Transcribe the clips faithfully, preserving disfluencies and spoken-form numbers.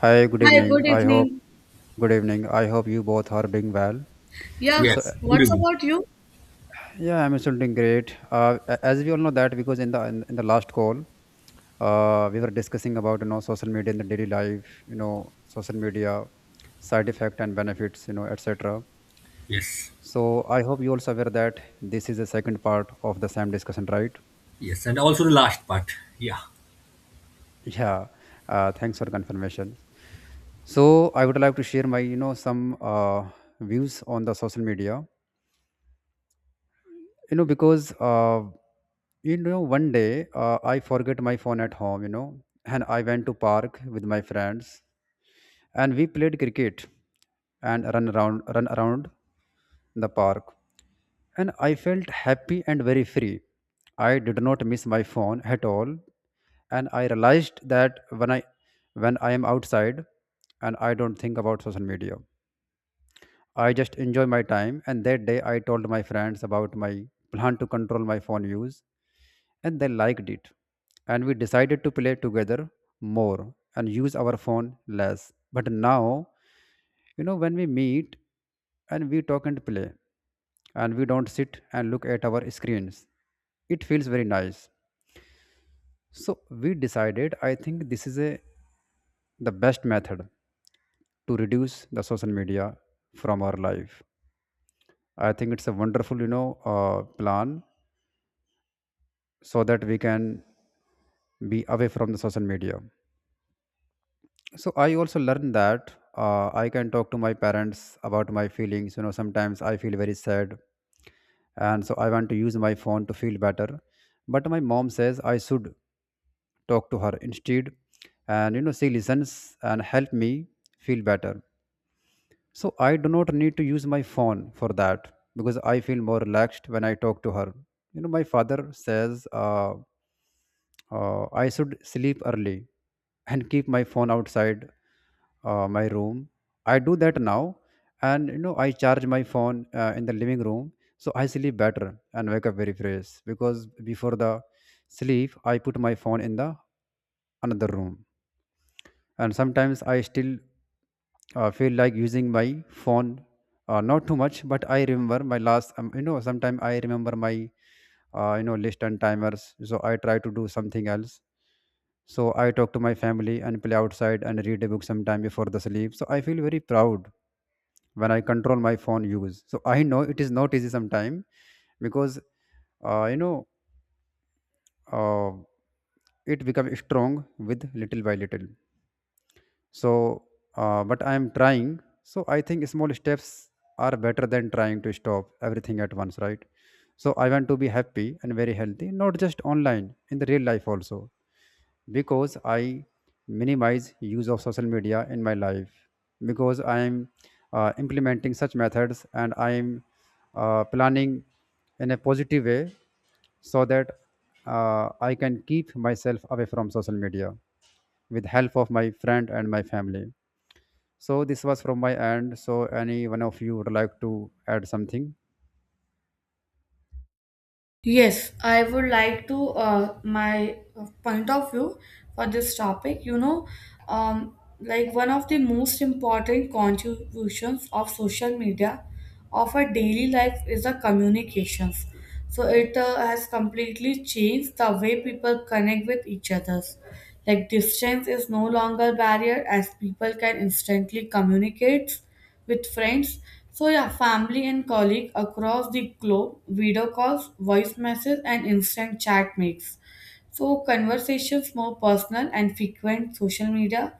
Hi, good Hi, evening. good I hope evening. good evening. I hope you both are doing well. Yeah, So uh, Yes, good what's evening. about you? yeah, I'm also doing great. Uh, a- as we all know that because in the in, in the last call, uh, we were discussing about you know social media in the daily life, you know social media side effect and benefits, you know et cetera. Yes, So I hope you also aware that this is the second part of the same discussion, right? yes, and also the last part. Yeah, Yeah. Uh, thanks for confirmation. So I would like to share my you know some uh, views on the social media you know because uh, you know one day uh, I forget my phone at home, you know, and I went to park with my friends, and we played cricket and run around run around the park, and I felt happy and very free. I did not miss my phone at all, and I realized that when i when I am outside and I don't think about social media, I just enjoy my time. And that day I told my friends about my plan to control my phone use, and they liked it. And we decided to play together more and use our phone less. But now, you know, when we meet and we talk and play, and we don't sit and look at our screens, it feels very nice. So we decided, I think this is a the best method to reduce the social media from our life. I think it's a wonderful, you know, uh, plan so that we can be away from the social media. So I also learned that uh, I can talk to my parents about my feelings. You know, sometimes I feel very sad, and so I want to use my phone to feel better, but my mom says I should talk to her instead, and you know she listens and help me feel better. So I do not need to use my phone for that because I feel more relaxed when I talk to her. You know, my father says uh, uh, I should sleep early and keep my phone outside uh, my room. I do that now, and you know, I charge my phone uh, in the living room, so I sleep better and wake up very fresh because before the sleep, I put my phone in the another room. And sometimes I still uh, feel like using my phone, uh, not too much, but I remember my last um, you know sometimes I remember my uh, you know list and timers, so I try to do something else. So I talk to my family and play outside and read a book sometime before the sleep. So I feel very proud when I control my phone use. So I know it is not easy sometime because uh, you know uh, it becomes strong with little by little. So uh, but I am trying, so I think small steps are better than trying to stop everything at once, right? So I want to be happy and very healthy, not just online, in the real life also, because I minimize use of social media in my life, because I am uh, implementing such methods, and I am uh, planning in a positive way so that uh, I can keep myself away from social media with help of my friend and my family. So this was from my end. So any one of you would like to add something? Yes, I would like to uh, my uh, point of view for this topic. You know, um, like one of the most important contributions of social media of our daily life is the communications. So it uh, has completely changed the way people connect with each others. Like distance is no longer barrier as people can instantly communicate with friends. So yeah, family and colleague across the globe, video calls, voice messages, and instant chat makes. So conversations more personal and frequent social media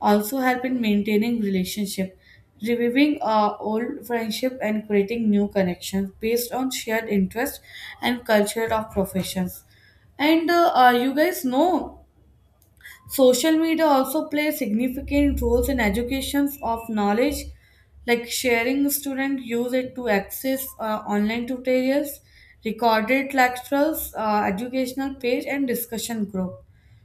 also help in maintaining relationship, reviving uh, old friendship and creating new connections based on shared interest and culture of professions. And uh, uh, you guys know social media also plays significant roles in educations of knowledge, like sharing students use it to access uh, online tutorials, recorded lectures, uh, educational page, and discussion group.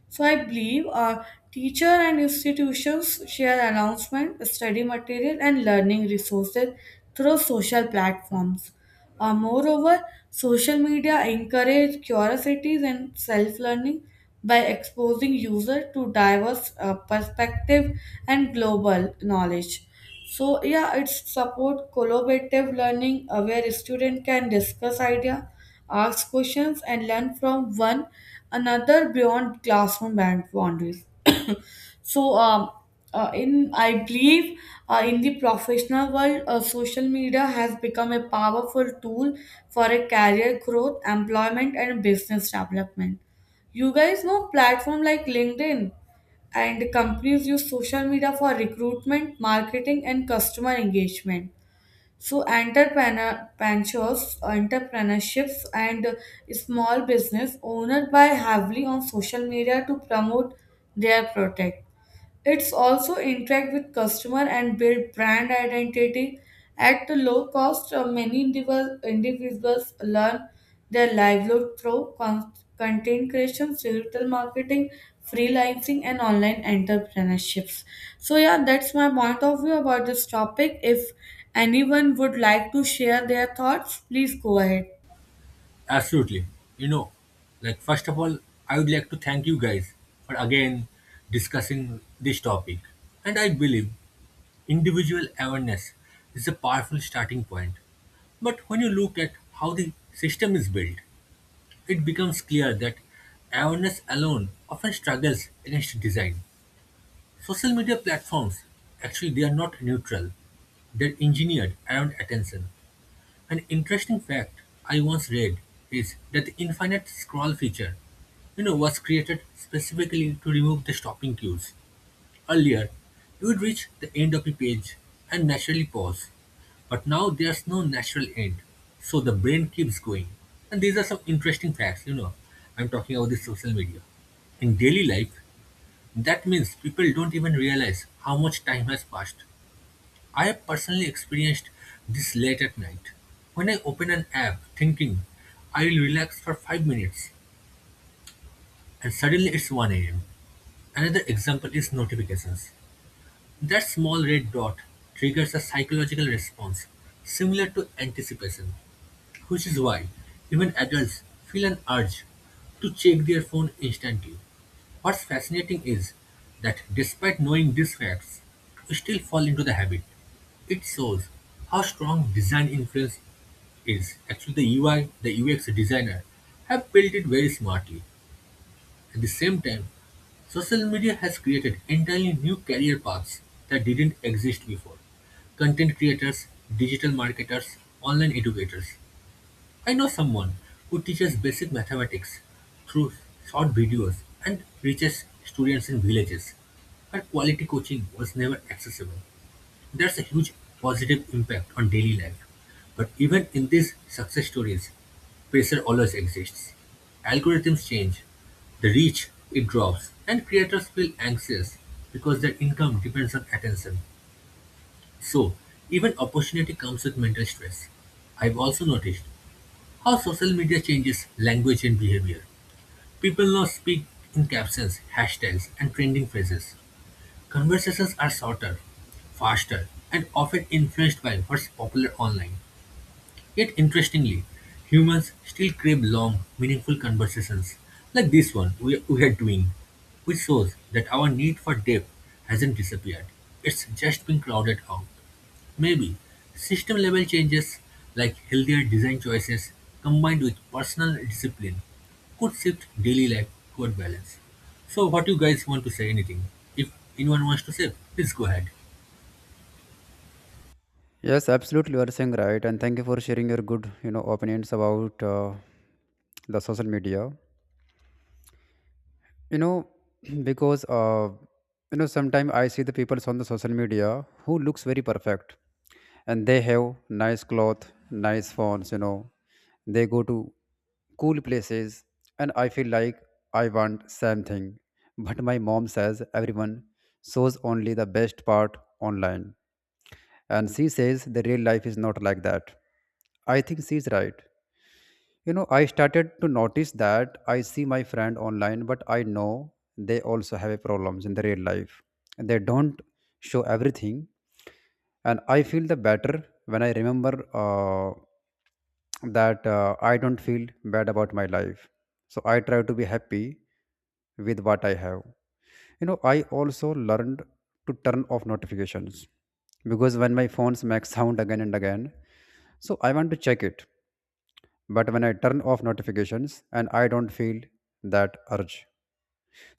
So I believe uh, teacher and institutions share announcement, study material, and learning resources through social platforms. Uh, moreover, social media encourage curiosities and self-learning by exposing user to diverse uh, perspective and global knowledge. So yeah, it's support collaborative learning uh, where student can discuss idea, ask questions, and learn from one another beyond classroom bound- boundaries. so um, uh, in I believe uh, in the professional world, uh, social media has become a powerful tool for a career growth, employment, and business development. You guys know platform like LinkedIn and companies use social media for recruitment, marketing, and customer engagement. So, entrepreneur, ventures, entrepreneurships, and small business owners by heavily on social media to promote their product. It's also interact with customer and build brand identity. At a low cost, uh, many individual- individuals learn their livelihood through con- content creation, digital marketing, freelancing, and online entrepreneurships. So yeah, that's my point of view about this topic. If anyone would like to share their thoughts, please go ahead. absolutely. You know, like first of all, I would like to thank you guys for again discussing this topic. And I believe individual awareness is a powerful starting point. But when you look at how the system is built, it becomes clear that awareness alone often struggles against design. Social media platforms actually they are not neutral. They're engineered around attention. An interesting fact I once read is that the infinite scroll feature, you know, was created specifically to remove the stopping cues. Earlier, you would reach the end of a page and naturally pause, but now there's no natural end, so the brain keeps going. And these are some interesting facts, you know. I'm talking about the social media. In daily life, that means people don't even realize how much time has passed. I have personally experienced this late at night, when I open an app thinking I will relax for five minutes and suddenly it's one a m. Another example is notifications. That small red dot triggers a psychological response similar to anticipation, which is why even adults feel an urge to check their phone instantly. What's fascinating is that despite knowing these facts, we still fall into the habit. It shows how strong design influence is. Actually, the U I, the U X designer have built it very smartly. At the same time, social media has created entirely new career paths that didn't exist before. Content creators, digital marketers, online educators. I know someone who teaches basic mathematics through short videos and reaches students in villages. Her quality coaching was never accessible. That's a huge positive impact on daily life. But even in these success stories, pressure always exists. Algorithms change, the reach it drops, and creators feel anxious because their income depends on attention. So, even opportunity comes with mental stress. I've also noticed how social media changes language and behavior. People now speak in captions, hashtags, and trending phrases. Conversations are shorter, faster, and often influenced by what's popular online. Yet interestingly, humans still crave long, meaningful conversations like this one we, we are doing, which shows that our need for depth hasn't disappeared. It's just been crowded out. Maybe system level changes like healthier design choices combined with personal discipline could shift daily life toward balance. So, what you guys want to say? Anything? If anyone wants to say, please go ahead. Yes, absolutely. You are saying right, and thank you for sharing your good, you know, opinions about uh, the social media. You know, because uh, you know sometimes I see the people on the social media who looks very perfect, and they have nice cloth, nice phones, you know. They go to cool places, and I feel like I want same thing. But my mom says everyone shows only the best part online, and she says the real life is not like that. I think she's right. You know, I started to notice that I see my friend online, but I know they also have a problems in the real life. And they don't show everything, and I feel the better when I remember uh, that uh, I don't feel bad about my life. So I try to be happy with what I have. You know, I also learned to turn off notifications because when my phones make sound again and again, so I want to check it. But when I turn off notifications, and I don't feel that urge,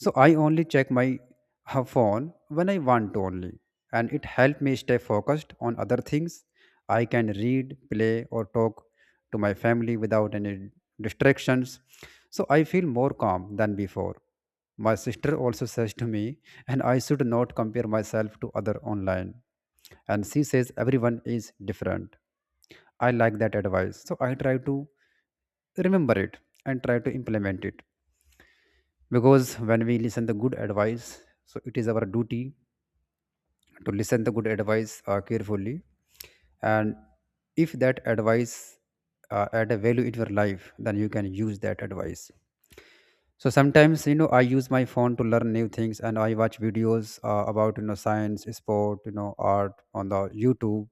so I only check my uh, phone when I want to only, and it helped me stay focused on other things. I can read, play, or talk to my family without any distractions. So I feel more calm than before. My sister also says to me, and I should not compare myself to other online, and she says everyone is different. I like that advice. So I try to remember it and try to implement it, because when we listen the good advice, so it is our duty to listen the good advice uh, carefully. And if that advice uh, add a value in your life, then you can use that advice. So sometimes you know I use my phone to learn new things, and I watch videos uh, about you know science, sport, you know art on the YouTube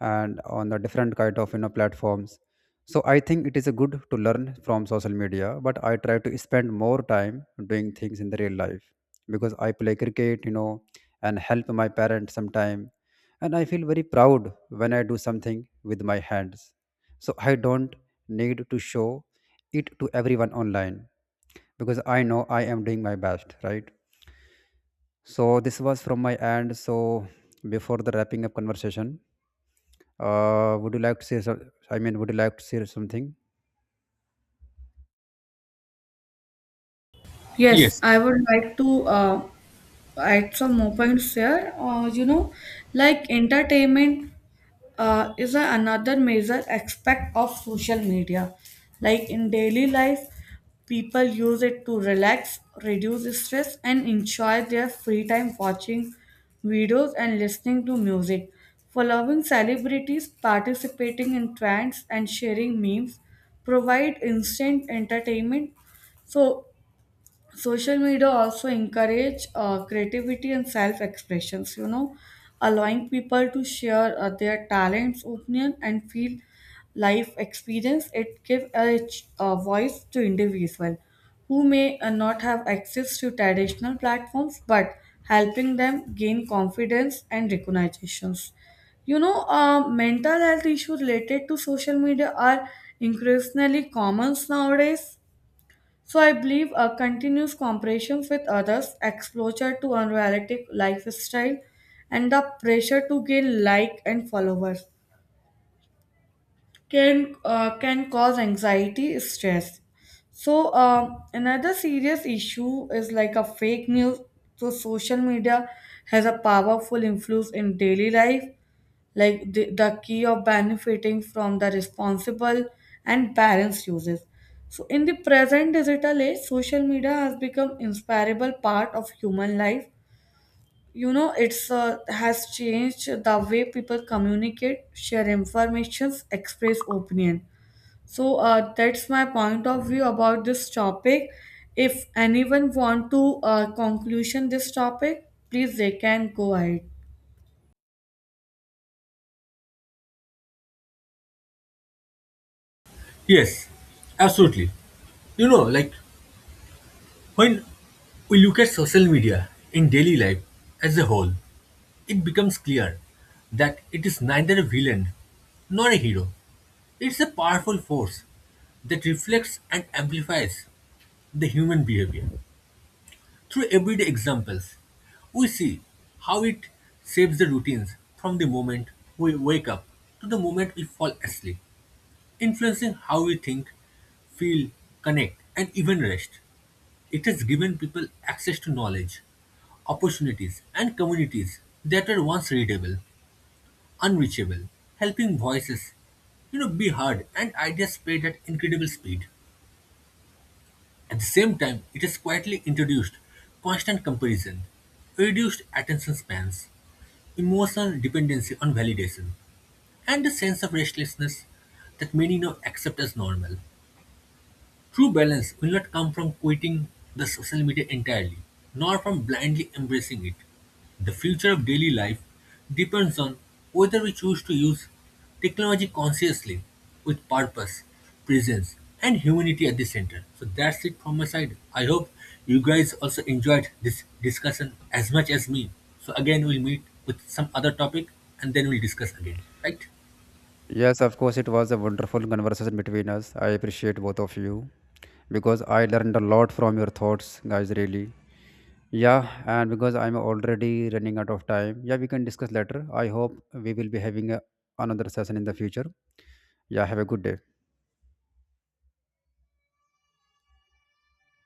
and on the different kind of you know platforms. So I think it is a good to learn from social media, but I try to spend more time doing things in the real life, because I play cricket, you know, and help my parents sometime, and I feel very proud when I do something with my hands. So I don't need to show it to everyone online, because I know I am doing my best, right? So this was from my end. So before the wrapping up conversation, uh, would you like to say some, I mean, would you like to say something? Yes, Yes, I would like to uh, add some more points here. Uh, you know, like entertainment uh, is a- another major aspect of social media. Like in daily life, people use it to relax, reduce stress, and enjoy their free time watching videos and listening to music. Following celebrities, participating in trends, and sharing memes provide instant entertainment. So social media also encourage uh, creativity and self expressions, you know, allowing people to share uh, their talents opinion and feel life experience. It gives a, ch- a voice to individuals who may uh, not have access to traditional platforms but helping them gain confidence and recognitions. You know uh, mental health issues related to social media are increasingly common nowadays, so I believe a continuous comparison with others, exposure to unrealistic lifestyle, and the pressure to gain like and followers can uh, can cause anxiety, stress. So um, another serious issue is like a fake news. So social media has a powerful influence in daily life like the, the key of benefiting from the responsible and balanced uses. So, in the present digital age, social media has become inseparable part of human life. You know, it's uh, has changed the way people communicate, share informations, express opinion. So uh, that's my point of view about this topic. If anyone want to uh, conclusion this topic, please they can go ahead. yes, absolutely. You know, like when we look at social media in daily life as a whole, it becomes clear that it is neither a villain nor a hero. It's a powerful force that reflects and amplifies the human behavior. Through everyday examples, we see how it shapes the routines from the moment we wake up to the moment we fall asleep, influencing how we think, feel, connect, and even rest. It has given people access to knowledge, opportunities, and communities that were once readable, unreachable, helping voices, you know, be heard and ideas spread at incredible speed. At the same time, it has quietly introduced constant comparison, reduced attention spans, emotional dependency on validation, and a sense of restlessness that many now accept as normal. True balance will not come from quitting the social media entirely, nor from blindly embracing it. The future of daily life depends on whether we choose to use technology consciously with purpose, presence, and humanity at the center. So that's it from my side. I hope you guys also enjoyed this discussion as much as me. So again, we'll meet with some other topic and then we'll discuss again, right? Yes, of course, it was a wonderful conversation between us. I appreciate both of you because I learned a lot from your thoughts, guys, really. Yeah, and because I'm already running out of time, yeah, we can discuss later. I hope we will be having a, another session in the future. Yeah, have a good day.